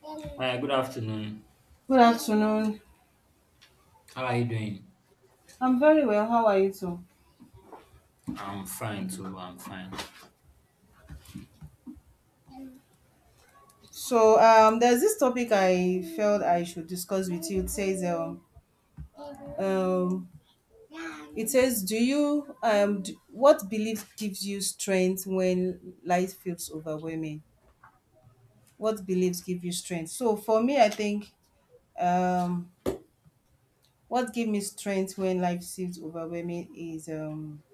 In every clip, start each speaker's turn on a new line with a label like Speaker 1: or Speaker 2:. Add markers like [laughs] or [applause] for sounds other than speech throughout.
Speaker 1: Good
Speaker 2: Hi, good afternoon.
Speaker 1: afternoon.
Speaker 2: How are you doing?
Speaker 1: I'm very well. How are you too?
Speaker 2: I'm fine too. I'm fine.
Speaker 1: So there's this topic I felt I should discuss with you. Um it says do you d what belief gives you strength when life feels overwhelming? What beliefs give you strength? So for me, I think um what give me strength when life feels overwhelming is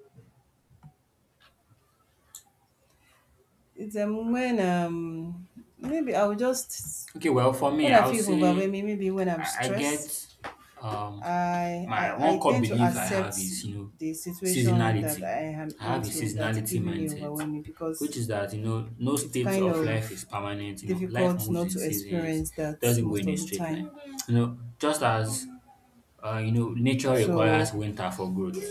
Speaker 1: it's when maybe I will just.
Speaker 2: Okay, well, for me,
Speaker 1: When I
Speaker 2: I'll
Speaker 1: feel
Speaker 2: say
Speaker 1: overwhelming, maybe when I'm
Speaker 2: I
Speaker 1: stressed,
Speaker 2: get um
Speaker 1: I,
Speaker 2: my
Speaker 1: I I
Speaker 2: one core
Speaker 1: tend to
Speaker 2: belief I
Speaker 1: accept
Speaker 2: have is you know
Speaker 1: the situation that
Speaker 2: seasonality.
Speaker 1: I am
Speaker 2: I have a
Speaker 1: into that's
Speaker 2: seasonality
Speaker 1: giving me
Speaker 2: mindset,
Speaker 1: overwhelming, because
Speaker 2: which is that you know no
Speaker 1: it's
Speaker 2: state
Speaker 1: kind
Speaker 2: of life is
Speaker 1: of
Speaker 2: permanent. You know, life
Speaker 1: difficult
Speaker 2: moves
Speaker 1: not
Speaker 2: in
Speaker 1: to
Speaker 2: seasons.
Speaker 1: experience that
Speaker 2: It doesn't go
Speaker 1: most
Speaker 2: in a
Speaker 1: of the
Speaker 2: straight line.
Speaker 1: time.
Speaker 2: You know, just as you know nature
Speaker 1: So
Speaker 2: requires winter for growth,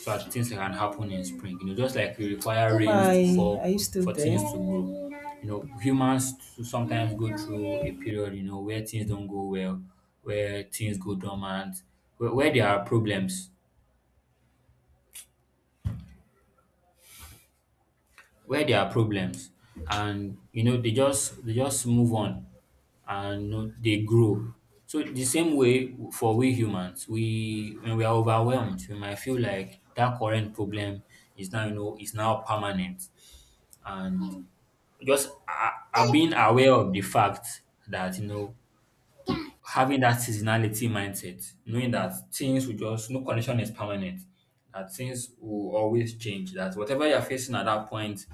Speaker 2: so that things can happen in spring. You know, just like we require rains to
Speaker 1: hi, are
Speaker 2: fall
Speaker 1: you still
Speaker 2: for
Speaker 1: there?
Speaker 2: things to grow. You know, humans to sometimes go through a period, you know, where things don't go well, where things go dormant, where there are problems, where there are problems, and you know, they just move on and you know, they grow. So the same way for we humans, we when we are overwhelmed, we might feel like that current problem is now you know is now permanent, and just a being aware of the fact that, you know, having that seasonality mindset, knowing that things will just no condition is permanent, that things will always change, that whatever you're facing at that point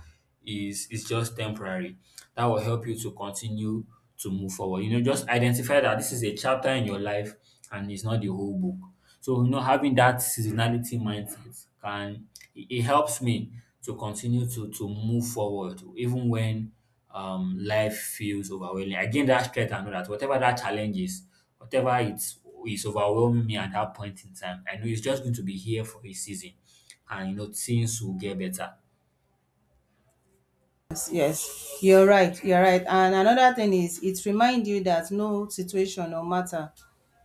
Speaker 2: is just temporary. That will help you to continue to move forward. You know, just identify that this is a chapter in your life and it's not the whole book. So, you know, having that seasonality mindset can it helps me to continue to move forward even when life feels overwhelming. I gain that strength and know that whatever that challenge is, whatever it's is overwhelming me at that point in time, I know it's just going to be here for a season, and you know things will get better.
Speaker 1: Yes, yes, you're right. You're right. And another thing is, it reminds you that no situation or matter,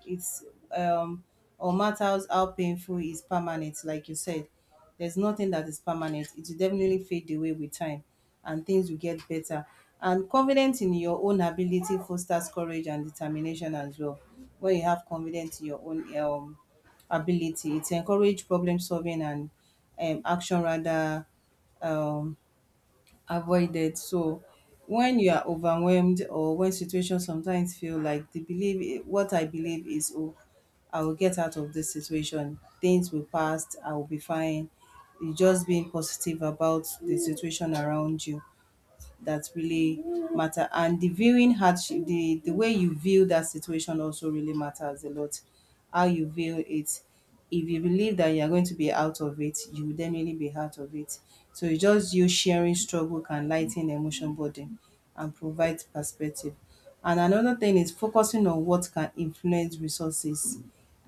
Speaker 1: it's um or matters how painful, is permanent. Like you said, there's nothing that is permanent. It will definitely fade away with time, and things will get better. And confidence in your own ability fosters courage and determination as well. When you have confidence in your own ability, it encourages problem solving and action rather um avoided. So when you are overwhelmed, or when situations sometimes feel like the believe, what I believe is, oh, I will get out of this situation. Things will pass. I will be fine. You just being positive about the situation around you, that really matter, and the viewing hardship, the way you view that situation also really matters a lot, how you view it. If you believe that you are going to be out of it, you will definitely be out of it. So it's just you, sharing struggle can lighten emotion burden and provide perspective. And another thing is focusing on what can influence resources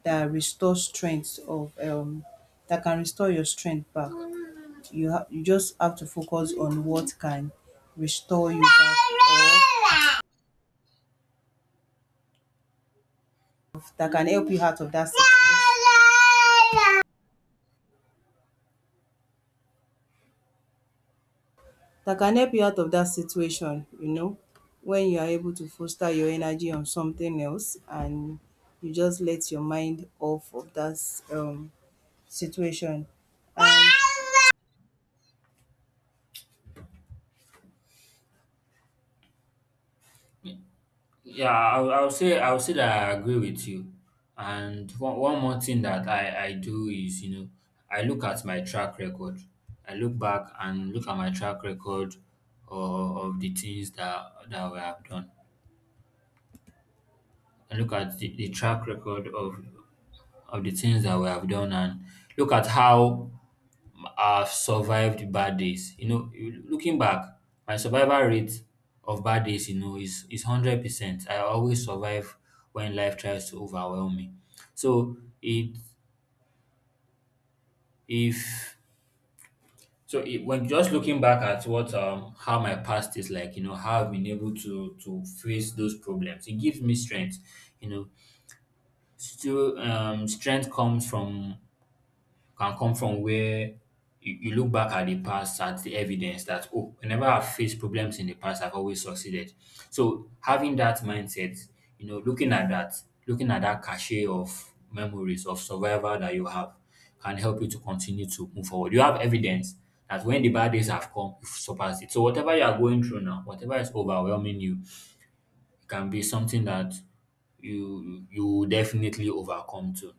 Speaker 1: that restore strength of that can restore your strength back. You have, you just have to focus on what can restore you back, or that can help you out of that situation, that can help you out of that situation, you know. When you are able to foster your energy on something else, and you just let your mind off of that situation, and
Speaker 2: Yeah, I'll say that I agree with you. And one more thing that I do is you know I look at my track record. I look back and look at my track record of the things that we have done. I look at the, track record of the things that we have done and look at how I've survived bad days. You know, looking back, my survival rate of bad days, you know, is 100%. I always survive when life tries to overwhelm me. So it if so it, When just looking back at what how my past is like, you know, how I've been able to face those problems, it gives me strength. You know, still strength comes from can come from where you look back at the past, at the evidence that, oh, whenever I've faced problems in the past, I've always succeeded. So having that mindset, you know, looking at that cachet of memories of survival that you have can help you to continue to move forward. You have evidence that when the bad days have come, you've surpassed it. So whatever you are going through now, whatever is overwhelming you, it can be something that you will definitely overcome too.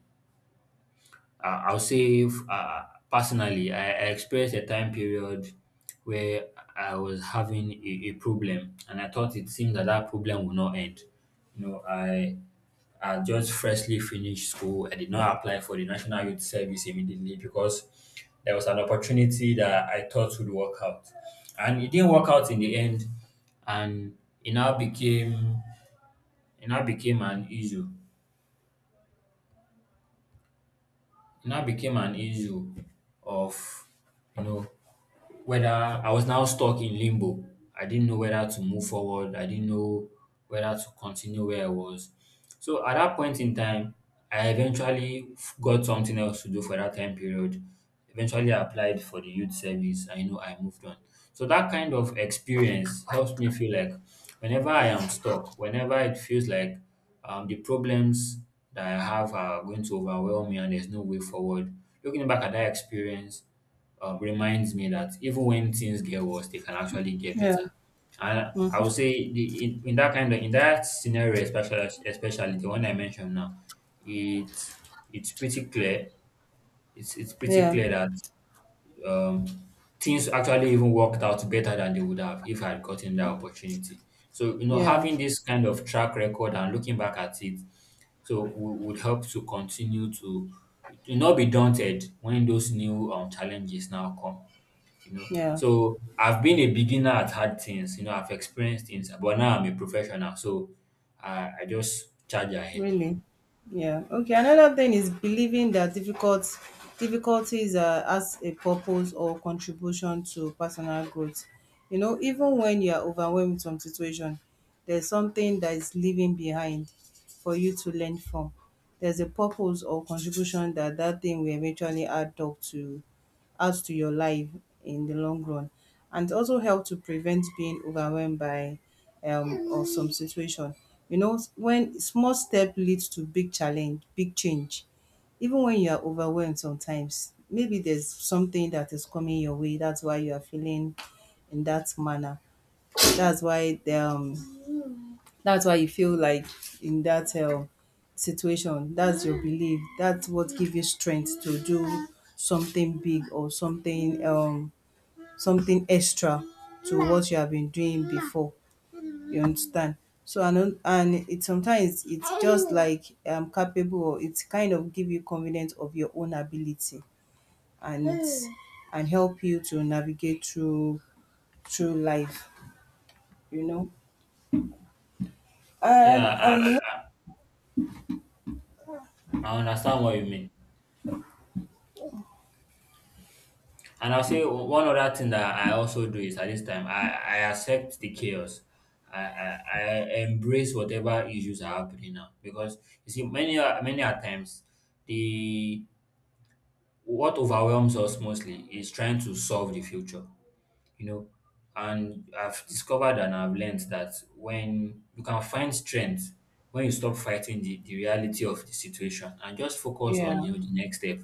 Speaker 2: Uh, I'll say f- uh, Personally, I experienced a time period where I was having a problem, and I thought it seemed that that problem would not end. You know, I just freshly finished school. I did not apply for the National Youth Service immediately because there was an opportunity that I thought would work out, and it didn't work out in the end, and it now became it now became an issue. It now became an issue of you know whether I was now stuck in limbo. I didn't know whether to move forward. I didn't know whether to continue where I was. So at that point in time, I eventually got something else to do for that time period. Eventually, I applied for the youth service, and you know, I moved on. So that kind of experience helps me feel like whenever I am stuck, whenever it feels like the problems that I have are going to overwhelm me and there's no way forward. Looking back at that experience, reminds me that even when things get worse, they can actually get
Speaker 1: yeah.
Speaker 2: better. And I would
Speaker 1: Mhm.
Speaker 2: say in that kind of in that scenario, especially the one I mentioned now, it's it's pretty clear. It's pretty
Speaker 1: Yeah,
Speaker 2: clear that um, things actually even worked out better than they would have if I had gotten that opportunity. So you know,
Speaker 1: yeah,
Speaker 2: having this kind of track record and looking back at it, would help to continue to not be daunted when those new challenges now come you know.
Speaker 1: yeah.
Speaker 2: So I've been a beginner at hard things, you know, I've experienced things, but now I'm a professional, so I just charge ahead.
Speaker 1: Really? Yeah. Okay. Another thing is believing that difficulties are as a purpose or contribution to personal growth. You know, even when you are overwhelmed with some situation, there's something that is leaving behind for you to learn from. There's a purpose or contribution that that thing will eventually add up to, adds to your life in the long run, and also help to prevent being overwhelmed by of some situation. You know, when small step leads to big challenge, big change. Even when you are overwhelmed sometimes, maybe there's something that is coming your way. That's why you are feeling in that manner. That's why the, um, that's why you feel like in that situation. That's your belief. That's what gives you strength to do something big, or something something extra to what you have been doing before. You understand? So and it sometimes, it's just like capable, or it's kind of give you confidence of your own ability, and and help you to navigate through life, you know. And
Speaker 2: Yeah,
Speaker 1: and
Speaker 2: I understand what you mean. And I'll say one other thing that I also do is at this time, I accept the chaos. I embrace whatever issues are happening now because you see many many a times the what overwhelms us mostly is trying to solve the future, you know, and I've discovered and I've learned that when you can find strength when you stop fighting the, reality of the situation and just focus on
Speaker 1: yeah,
Speaker 2: you know the next step.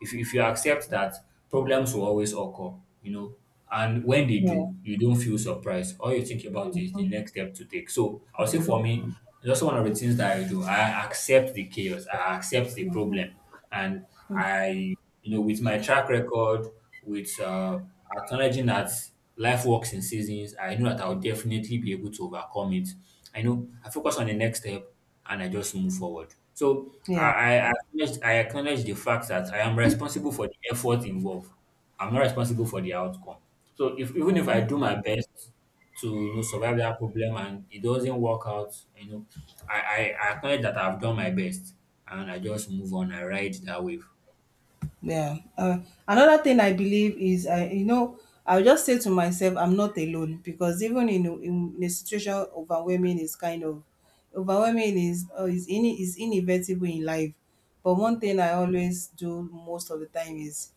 Speaker 2: If you, if you accept that problems will always occur, you know, and when they
Speaker 1: yeah,
Speaker 2: do you don't feel surprised. All you think about is the next step to take. So I'll say for me that's one of the things that I do. I accept the chaos, I accept the problem, and I, you know, with my track record, with acknowledging that life works in seasons, I know that I'll definitely be able to overcome it. I know I focus on the next step and I just move forward. So
Speaker 1: yeah.
Speaker 2: I acknowledge the fact that I am responsible for the effort involved. I'm not responsible for the outcome. So if even if I do my best to you know survive that problem and it doesn't work out, you know, I, I acknowledge that I've done my best and I just move on. I ride that wave.
Speaker 1: Yeah. Another thing I believe is, I'll just say to myself, I'm not alone, because even in in a situation, overwhelming is kind of, overwhelming is inevitable in life. But one thing I always do most of the time is,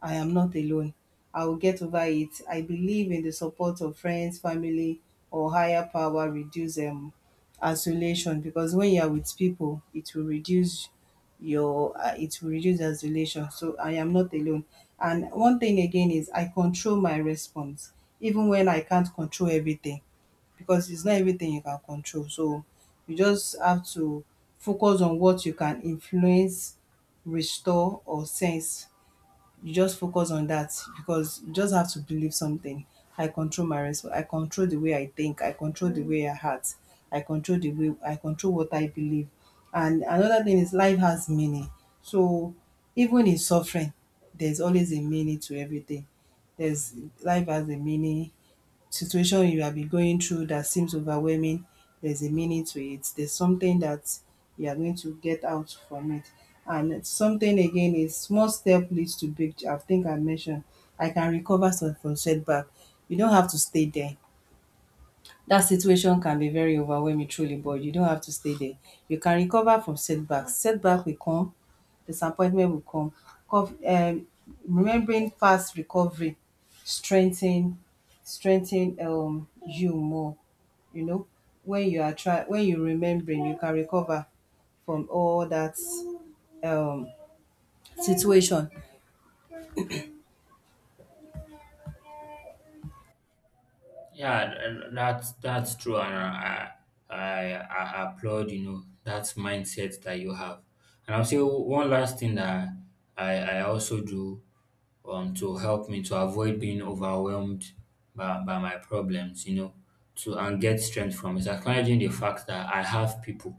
Speaker 1: I am not alone. I will get over it. I believe in the support of friends, family, or higher power reduce isolation, because when you are with people, it will reduce your it will reduce isolation. So I am not alone. And one thing again is, I control my response, even when I can't control everything, because it's not everything you can control. So you just have to focus on what you can influence, restore, or sense, you just focus on that, because you just have to believe something. I control my response. I control the way I think. I control the way I act. I control the way I control what I believe. And another thing is, life has meaning. So even in suffering, there's always a meaning to everything. There's Life has a meaning, situation you have been going through that seems overwhelming, there's a meaning to it. There's something that you are going to get out from it. And something again is, small step leads to big. I think I mentioned, I can recover some from setback. You don't have to stay there. That situation can be very overwhelming truly, but you don't have to stay there. You can recover from setbacks. Setback will come, disappointment will come, cov remembering past recovery strengthen strengthen you more, you know. When you remembering, you can recover from all that um situation.
Speaker 2: Yeah, and that's true, and I applaud you know that mindset that you have. And I'll say one last thing that I also do to help me to avoid being overwhelmed by, my problems, you know, to and get strength from is acknowledging the fact that I have people.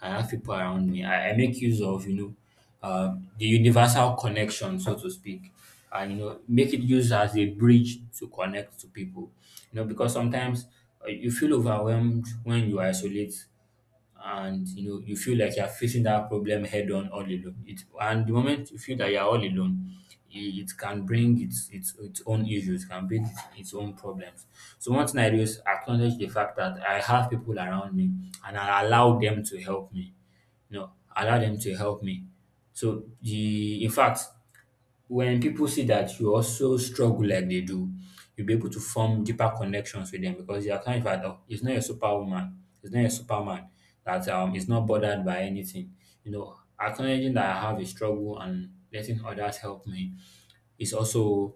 Speaker 2: I have people around me. I make use of, you know, the universal connection, so to speak. And, you know, make it use as a bridge to connect to people. You know, because sometimes you feel overwhelmed when you isolate and, you know, you feel like you're facing that problem head on all alone. It, and the moment you feel that you're all alone, it can bring its own issues, can bring its own problems. So one thing I do is acknowledge the fact that I have people around me and I allow them to help me, you know, allow them to help me. So the in fact, when people see that you also struggle like they do, you'll be able to form deeper connections with them because you're kind of like, oh, it's not a superwoman, it's not a superman that is not bothered by anything. You know, acknowledging that I have a struggle and letting others help me is also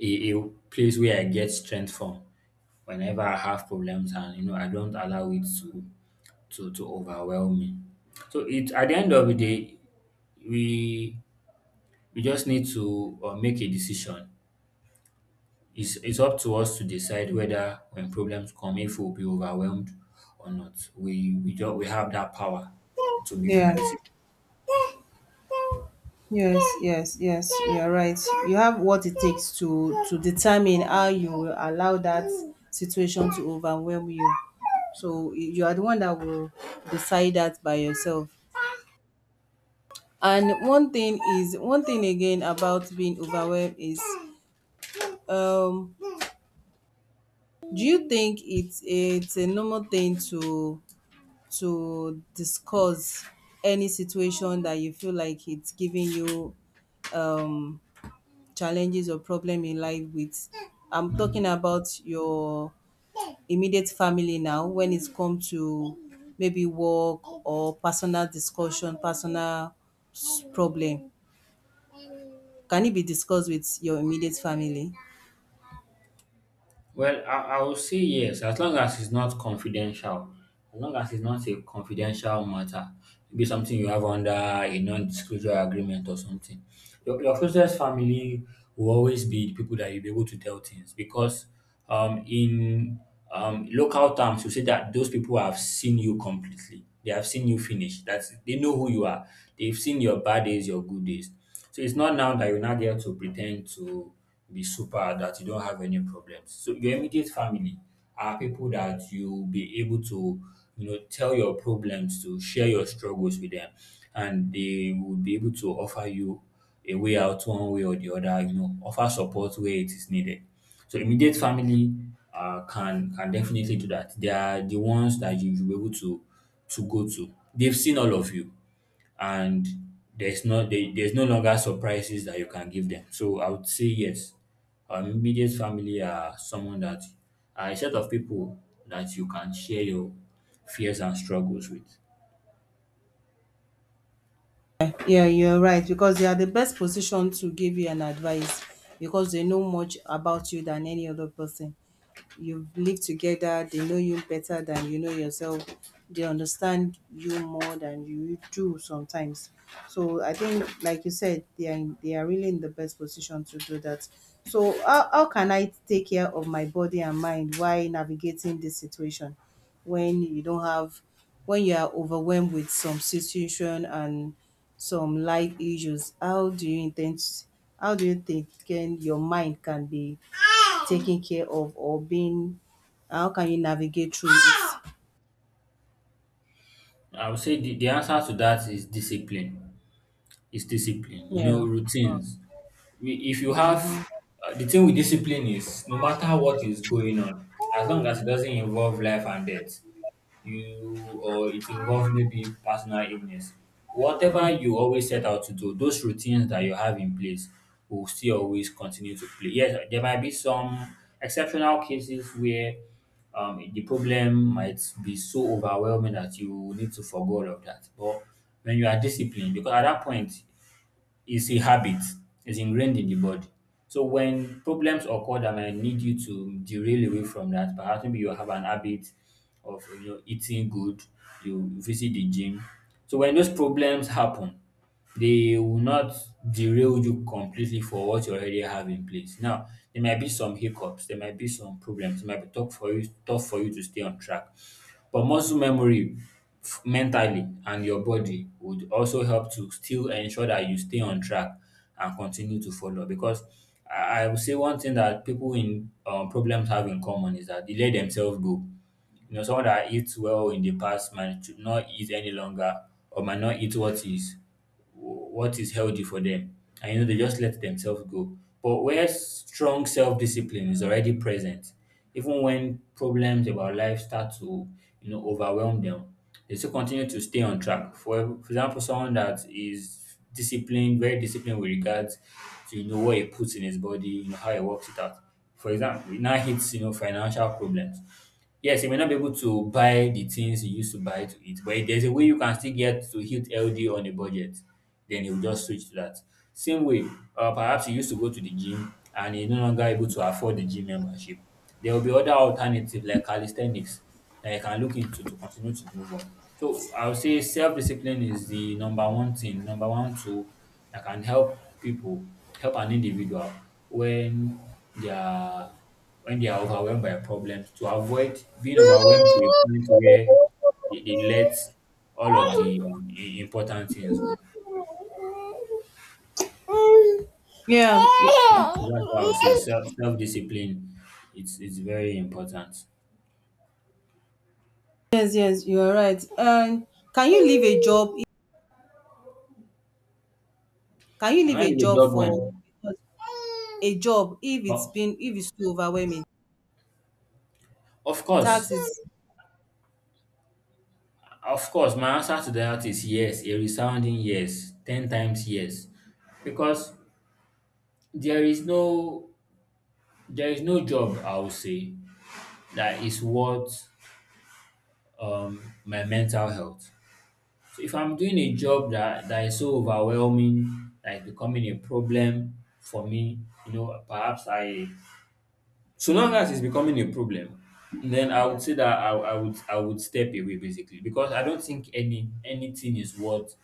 Speaker 2: a place where I get strength from whenever I have problems and you know I don't allow it to to overwhelm me. So it at the end of the day, we we just need to make a decision. It's up to us to decide whether when problems come, if we'll be overwhelmed or not. We don't we have that power to make
Speaker 1: Yeah.
Speaker 2: that decision.
Speaker 1: Yes, yes, yes, you are right. You have what it takes to determine how you will allow that situation to overwhelm you. So you are the one that will decide that by yourself. And one thing again about being overwhelmed is, um do you think it's a normal thing to discuss any situation that you feel like it's giving you um challenges or problem in life with? I'm talking about your immediate family now, when it's come to maybe work or personal problem, can it be discussed with your immediate family?
Speaker 2: Well, I will say yes, as long as it's not confidential, as long as it's not a confidential matter, maybe something you have under a non-disclosure agreement or something. Your closest family will always be the people that you'll be able to tell things because in local terms, you say that those people have seen you completely. They have seen you finish. That's they know who you are. They've seen your bad days, your good days. So it's not now that you are not there to pretend to be super that you don't have any problems. So your immediate family are people that you'll be able to, you know, tell your problems to, share your struggles with them, and they will be able to offer you a way out one way or the other, you know, offer support where it is needed. So immediate family can definitely do that. They are the ones that you will be able to go to. They've seen all of you and there's no longer surprises that you can give them. So I would say yes. Our immediate family are someone that are a set of people that you can share your fears and struggles with.
Speaker 1: Yeah, you're right, because they are the best position to give you an advice, because they know much about you than any other person. You've lived together, they know you better than you know yourself, they understand you more than you do sometimes. So I think, like you said, they are really in the best position to do that. So how can I take care of my body and mind while navigating this situation, when you don't have when you are overwhelmed with some situation and some life issues? How do you intend? How do you think can your mind can be taking care of, or being, how can you navigate through it?
Speaker 2: I would say the answer to that is discipline. It's discipline. You
Speaker 1: Yeah.
Speaker 2: know, routines. If you have
Speaker 1: Mm-hmm.
Speaker 2: the thing with discipline is no matter what is going on, as long as it doesn't involve life and death, you or it involves maybe personal illness whatever you always set out to do those routines that you have in place will still always continue to play. Yes, there might be some exceptional cases where the problem might be so overwhelming that you need to forgo all of that, but when you are disciplined, because at that point it's a habit. It's ingrained in the body. So when problems occur that might need you to derail away from that, perhaps maybe you have an habit of, you know, eating good, you visit the gym. So when those problems happen, they will not derail you completely for what you already have in place. Now, there might be some hiccups, there might be some problems, it might be tough for you to stay on track. But muscle memory mentally and your body would also help to still ensure that you stay on track and continue to follow. Because I would say one thing that people in problems have in common is that they let themselves go. You know, someone that eats well in the past might should not eat any longer, or might not eat what is healthy for them. And you know, they just let themselves go. But where strong self discipline is already present, even when problems about life start to, you know, overwhelm them, they still continue to stay on track. For example, someone that is disciplined, very disciplined with regards to, you know, what he puts in his body, you know, how he works it out. For example, it now hits, you know, financial problems. Yes, you may not be able to buy the things you used to buy to eat, but if there's a way you can still get to eat healthy on a budget, then you'll just switch to that. Same way, perhaps you used to go to the gym and you're no longer able to afford the gym membership. There will be other alternatives like calisthenics that you can look into to continue to move on. So I would say self-discipline is the number one thing, number one tool that can help people, help an individual when they are when they are overwhelmed by problems, to avoid being overwhelmed to a point where they let all of the important things go. So,
Speaker 1: Yeah.
Speaker 2: that's why I would say self discipline, it's very important.
Speaker 1: Yes, yes, you are right. And can you leave a job can you
Speaker 2: Can
Speaker 1: leave
Speaker 2: I
Speaker 1: a
Speaker 2: leave a
Speaker 1: job
Speaker 2: job
Speaker 1: for
Speaker 2: when?
Speaker 1: a job,
Speaker 2: Well,
Speaker 1: if it's too overwhelming,
Speaker 2: of course,
Speaker 1: taxes?
Speaker 2: of course. My answer to that is yes, a resounding yes, ten times yes, because there is no there is no job, I would say, that is worth my mental health. So if I'm doing a job that, is so overwhelming, like becoming a problem for me, you know, perhaps I, so long as it's becoming a problem, then I
Speaker 1: Yeah,
Speaker 2: would say that I would I would step away basically, because I don't think anything is worth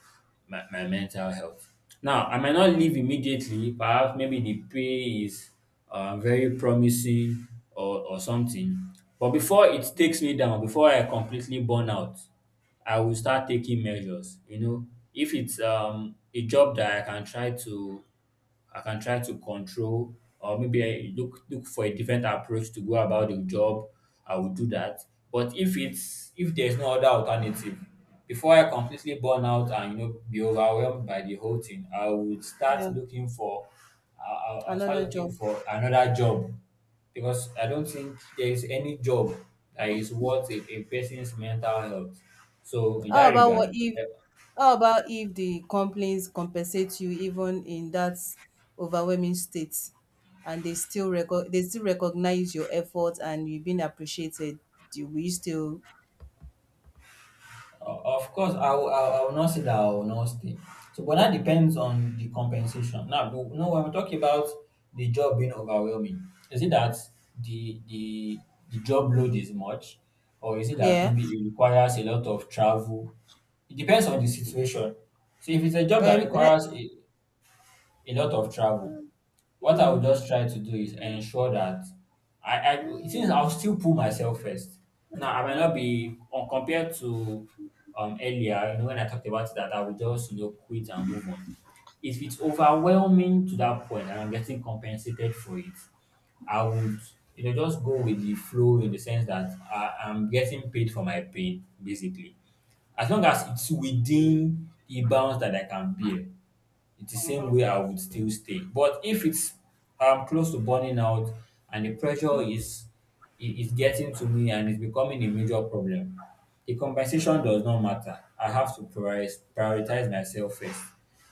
Speaker 2: my mental health. Now I might not leave immediately, perhaps maybe the pay is very promising, or something. But before it takes me down, before I completely burn out, I will start taking measures. You know, if it's a job that I can try to I can try to control, or maybe I look for a different approach to go about the job, I will do that. But if there's no other alternative, before I completely burn out and, you know, be overwhelmed by the whole thing, I would start
Speaker 1: yeah.
Speaker 2: looking for, I'll start
Speaker 1: Another
Speaker 2: looking
Speaker 1: job.
Speaker 2: for another job, because I don't think there is any job that is worth a person's mental health. So in that
Speaker 1: How about
Speaker 2: regard,
Speaker 1: what if how about if the companies compensate you even in that overwhelming state, and they still recognize your effort, and you've been appreciated? Do we still?
Speaker 2: Of course, I will, not say that I will not stay. So, but that depends on the compensation. Now, the- no, when we talk about the job being overwhelming, is it that the the job load is much, or is it that
Speaker 1: Yeah?
Speaker 2: maybe it requires a lot of travel? It depends on the situation. So, if it's a job
Speaker 1: Um
Speaker 2: that
Speaker 1: eh,
Speaker 2: requires a lot of travel, what I would
Speaker 1: mm,
Speaker 2: just try to do is ensure that I, I since I'll still pull myself first. Now I might not be on compared to earlier, you know, when I talked about that I would just, you know, quit and move on. If it's overwhelming to that point and I'm getting compensated for it, I would, you know, just go with the flow in the sense that I'm getting paid for my pain, basically. As long as it's within the bounds that I can bear, it's the same way I would still stay. But if it's close to burning out and the pressure is is getting to me and it's becoming a major problem, the compensation does not matter. I have to prioritize myself first.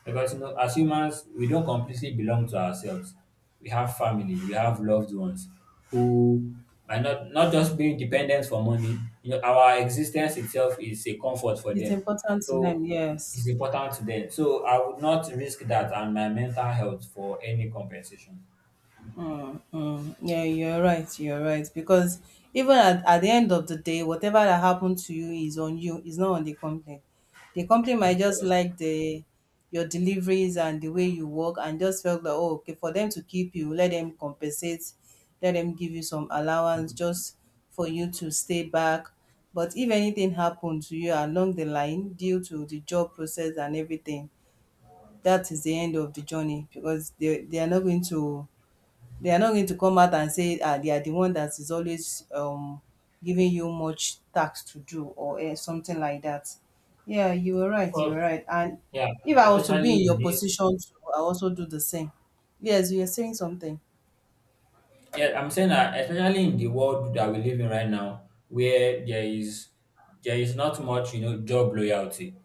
Speaker 2: Because, you know, as humans, we don't completely belong to ourselves. We have family, we have loved ones who, by not just being dependent for money, you know, our existence itself is a comfort for
Speaker 1: it's
Speaker 2: them.
Speaker 1: important to them,
Speaker 2: So
Speaker 1: yes.
Speaker 2: it's important to them. So I would not risk that and my mental health for any compensation.
Speaker 1: Mm, mm. Yeah, you're right. You're right. Because even at the end of the day, whatever that happened to you is on you. It's not on the company. The company might
Speaker 2: Of
Speaker 1: just
Speaker 2: course.
Speaker 1: like the your deliveries and the way you work, and just felt that, oh, okay, for them to keep you, let them compensate, let them give you some allowance just for you to stay back. But if anything happened to you along the line due to the job process and everything, that is the end of the journey, because they are not going to they are not going to come out and say they are the one that is always giving you much tax to do, or something like that. Yeah, you were
Speaker 2: Of
Speaker 1: right. You were
Speaker 2: course.
Speaker 1: right. And
Speaker 2: Yeah.
Speaker 1: if I was to be in
Speaker 2: Especially in
Speaker 1: your
Speaker 2: this,
Speaker 1: position, too, I also do the same. Yes, you are saying something.
Speaker 2: yeah, I'm saying that especially in the world that we live in right now, where there is not much, you know, job loyalty.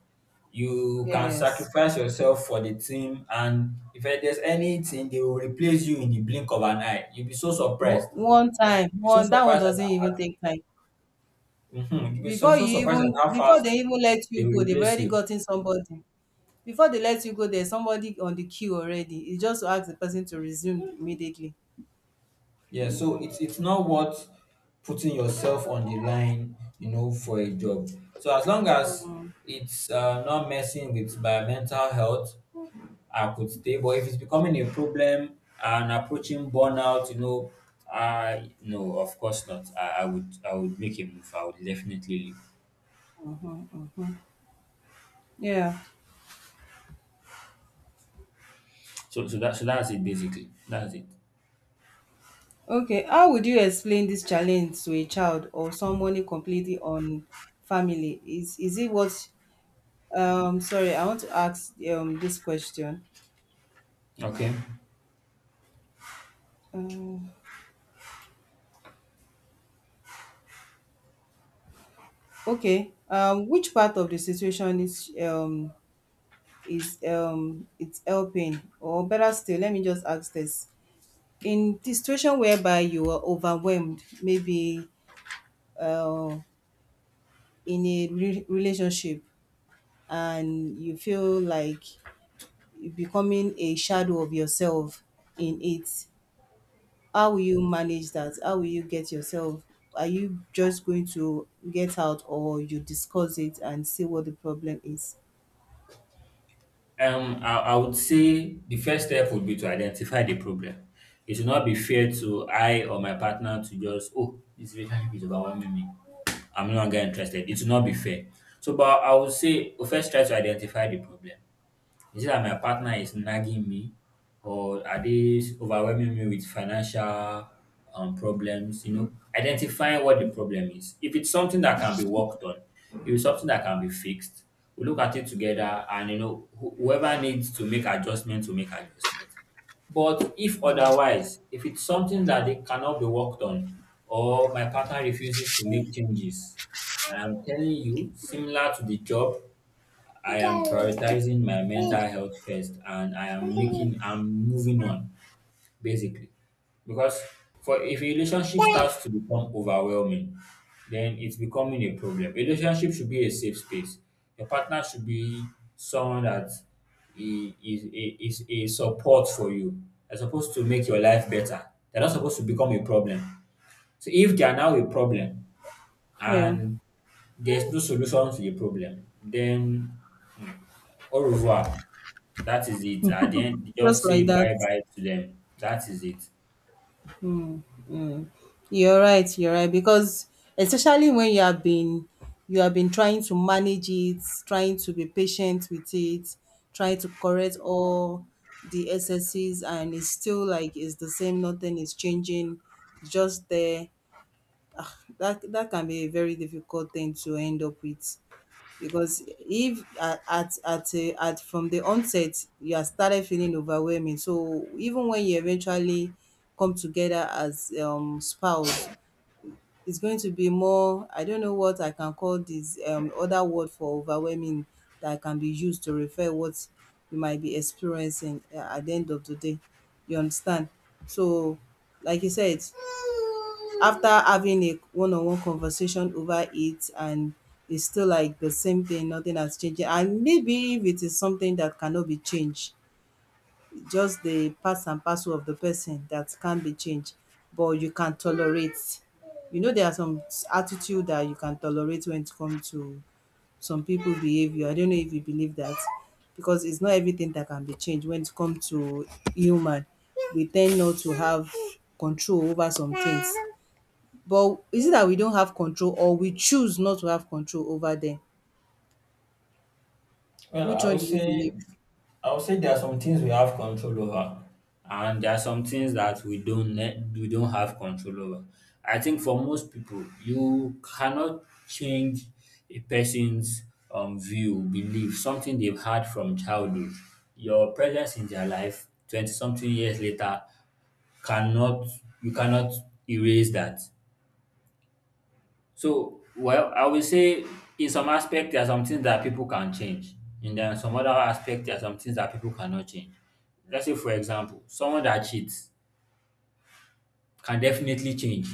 Speaker 2: You can
Speaker 1: Yes.
Speaker 2: sacrifice yourself for the team and if there's anything they will replace you in the blink of an eye. You'll be so surprised.
Speaker 1: One time,
Speaker 2: You'll be so
Speaker 1: one
Speaker 2: surprised
Speaker 1: doesn't
Speaker 2: at
Speaker 1: even take time.
Speaker 2: mhm, [laughs] you'll be so,
Speaker 1: Before
Speaker 2: so
Speaker 1: you
Speaker 2: surprised at
Speaker 1: even
Speaker 2: how
Speaker 1: before
Speaker 2: fast
Speaker 1: they even let
Speaker 2: they
Speaker 1: you
Speaker 2: will
Speaker 1: go, they've
Speaker 2: replace
Speaker 1: already
Speaker 2: you.
Speaker 1: gotten somebody. Before they let you go, there's somebody on the queue already. It's just to ask the person to resume immediately.
Speaker 2: Yeah, so it's not worth putting yourself on the line, you know, for a job. So as long as
Speaker 1: Mm.
Speaker 2: it's not messing with my mental health, I could stay. But if it's becoming a problem and approaching burnout, you know, I no, of course not. I would I would make a move. I would definitely leave.
Speaker 1: Yeah.
Speaker 2: That so that's it basically. That's it.
Speaker 1: Okay, how would you explain this challenge to a child or someone completely on family? Is it what? Sorry, I want to ask this question.
Speaker 2: Okay.
Speaker 1: Um, okay. Which part of the situation is it's helping, or better still, let me just ask this: in the situation whereby you are overwhelmed, maybe uh in a relationship, and you feel like becoming a shadow of yourself in it. How will you manage that? How will you get yourself? Are you just going to get out, or you discuss it and see what the problem is?
Speaker 2: I would say the first step would be to identify the problem. It should not be fair to I or my partner to just, oh, this relationship is overwhelming me. I'm no longer interested. It should not be fair. So, but I would say first try to identify the problem. Is it that my partner is nagging me, or are they overwhelming me with financial problems? You know, identifying what the problem is. If it's something that can be worked on, if it's something that can be fixed, we look at it together, and you know, whoever needs to make adjustment to make adjustment. But if otherwise, if it's something that they cannot be worked on, or my partner refuses to make changes, I'm telling you, similar to the job, I am prioritizing my mental health first and I am making, I'm moving on basically. Because for if a relationship starts to become overwhelming, then it's becoming a problem. A relationship should be a safe space. Your partner should be someone that is a support for you. They're supposed to make your life better. They're not supposed to become a problem. So if they are now a problem
Speaker 1: Yeah,
Speaker 2: and there's no solution to the problem, then au revoir. That is it. At the end,
Speaker 1: just
Speaker 2: just say
Speaker 1: like that.
Speaker 2: bye bye to them. That is it.
Speaker 1: You're right, you're right. Because especially when you have been trying to manage it, trying to be patient with it, trying to correct all the excesses, and it's still like it's the same, nothing is changing, it's just there. That can be a very difficult thing to end up with. Because if at from the onset you are started feeling overwhelming, so even when you eventually come together as spouse, it's going to be more, I don't know what I can call this, other word for overwhelming that can be used to refer what you might be experiencing, at the end of the day, you understand. So, like you said, after having a one-on-one conversation over it, and it's still like the same thing, nothing has changed, and maybe if it is something that cannot be changed, just the parts and parcel of the person that can't be changed, but you can tolerate. You know there are some attitude that you can tolerate when it comes to some people behavior. I don't know if you believe that, because it's not everything that can be changed when it comes to human. We tend not to have control over some things. But is it that we don't have control, or we choose not to have control over them?
Speaker 2: Well,
Speaker 1: Which one do you believe?
Speaker 2: I would say there are some things we have control over, and there are some things that we don't ne- we don't have control over. I think for most people, you cannot change a person's view, belief, something they've had from childhood. Your presence in their life, twenty something years later, cannot you cannot erase that. So, well, I will say in some aspect there are some things that people can change, and then some other aspect there are some things that people cannot change. Let's say, for example, someone that cheats can definitely change.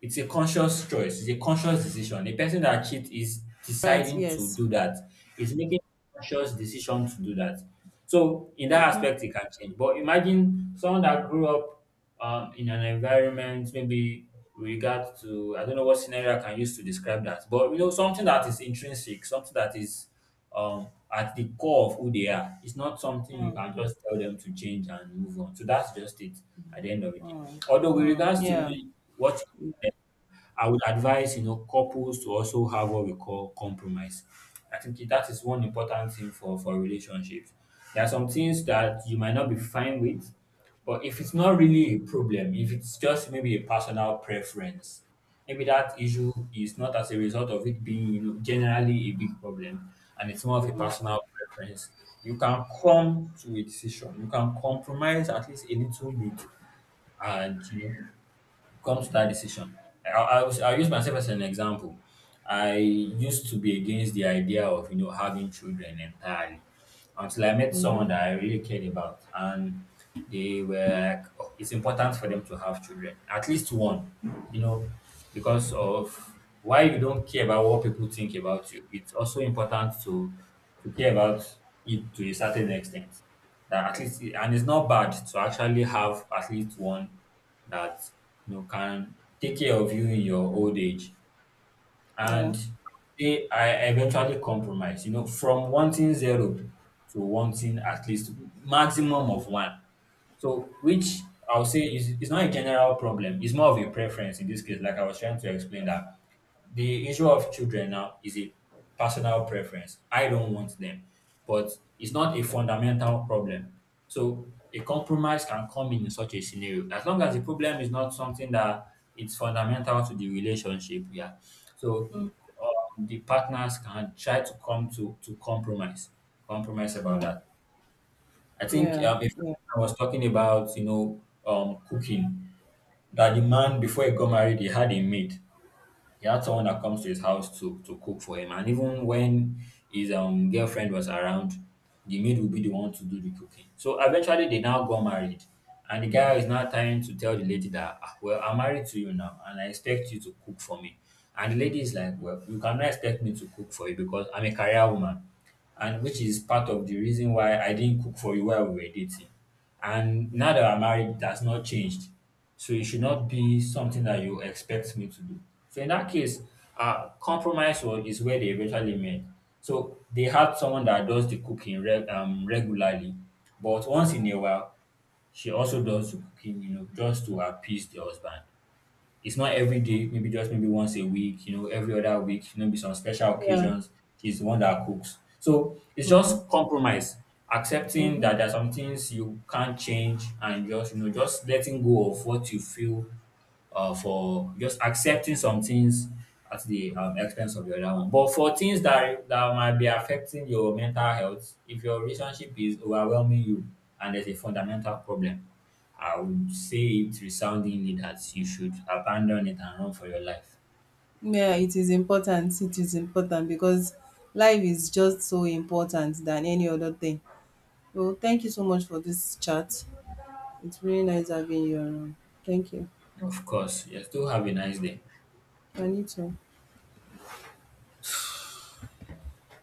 Speaker 2: It's a conscious choice. It's a conscious decision. A person that cheats is
Speaker 1: Right,
Speaker 2: deciding to
Speaker 1: yes.
Speaker 2: do that. Is making a conscious decision to do that. So in that aspect, it can change. But imagine someone that grew up in an environment, maybe with regard to I don't know what scenario I can use to describe that, but you know something that is intrinsic, something that is at the core of who they are. It's not something you can just tell them to change and move on. So that's just it at the end of the day.
Speaker 1: Mm,
Speaker 2: Although with
Speaker 1: mm,
Speaker 2: regards to
Speaker 1: yeah,
Speaker 2: really what I would advise, you know, couples to also have what we call compromise. I think that is one important thing for relationships. There are some things that you might not be fine with, but if it's not really a problem, if it's just maybe a personal preference, maybe that issue is not as a result of it being, you know, generally a big problem and it's more of a personal preference, you can come to a decision. You can compromise at least a little bit and you know comes to that decision. I'll use myself as an example. I used to be against the idea of you know having children entirely until I met someone that I really cared about, and they were like, "Oh, it's important for them to have children, at least one, you know, because of why you don't care about what people think about you. It's also important to care about it to a certain extent. That at least, and it's not bad to actually have at least one that you know can take care of you in your old age
Speaker 1: yeah.
Speaker 2: and they I eventually compromise you know from wanting zero to wanting at least maximum of one, so which I'll say is it's not a general problem, it's more of a preference in this case. Like I was trying to explain that the issue of children now is a personal preference. I don't want them, but it's not a fundamental problem. So a compromise can come in such a scenario, as long as the problem is not something that it's fundamental to the relationship. Yeah. So the partners can try to come to compromise, compromise about
Speaker 1: Mm.
Speaker 2: that. I think
Speaker 1: Yeah,
Speaker 2: if
Speaker 1: yeah,
Speaker 2: I was talking about you know cooking, that the man, before he got married, he had a maid. He had someone that comes to his house to cook for him, and even when his girlfriend was around, the maid would be the one to do the cooking. So eventually they now got married, and the guy is now trying to tell the lady that, "Ah, well, I'm married to you now and I expect you to cook for me." And the lady is like, "Well, you cannot expect me to cook for you because I'm a career woman, and which is part of the reason why I didn't cook for you while we were dating. And now that I'm married, it has not changed. So it should not be something that you expect me to do." So in that case, is where they eventually met. So they had someone that does the cooking regularly, but once in a while, she also does the cooking, you know, just to appease the husband. It's not every day, maybe just maybe once a week, you know, every other week, maybe some special
Speaker 1: yeah.
Speaker 2: occasions, she's the one that cooks. So it's
Speaker 1: Mhm,
Speaker 2: just compromise, accepting
Speaker 1: mhm.
Speaker 2: that there are some things you can't change and just, you know, just letting go of what you feel for, just accepting some things at the expense of the other one. But for things that might be affecting your mental health, if your relationship is overwhelming you and there's a fundamental problem, I would say it resoundingly that you should abandon it and run for your life.
Speaker 1: Yeah, it is important. It is important, because life is just so important than any other thing. Well, thank you so much for this chat. It's really nice having you around. Thank you.
Speaker 2: Of course, yes. Do have a nice day.
Speaker 1: And you too.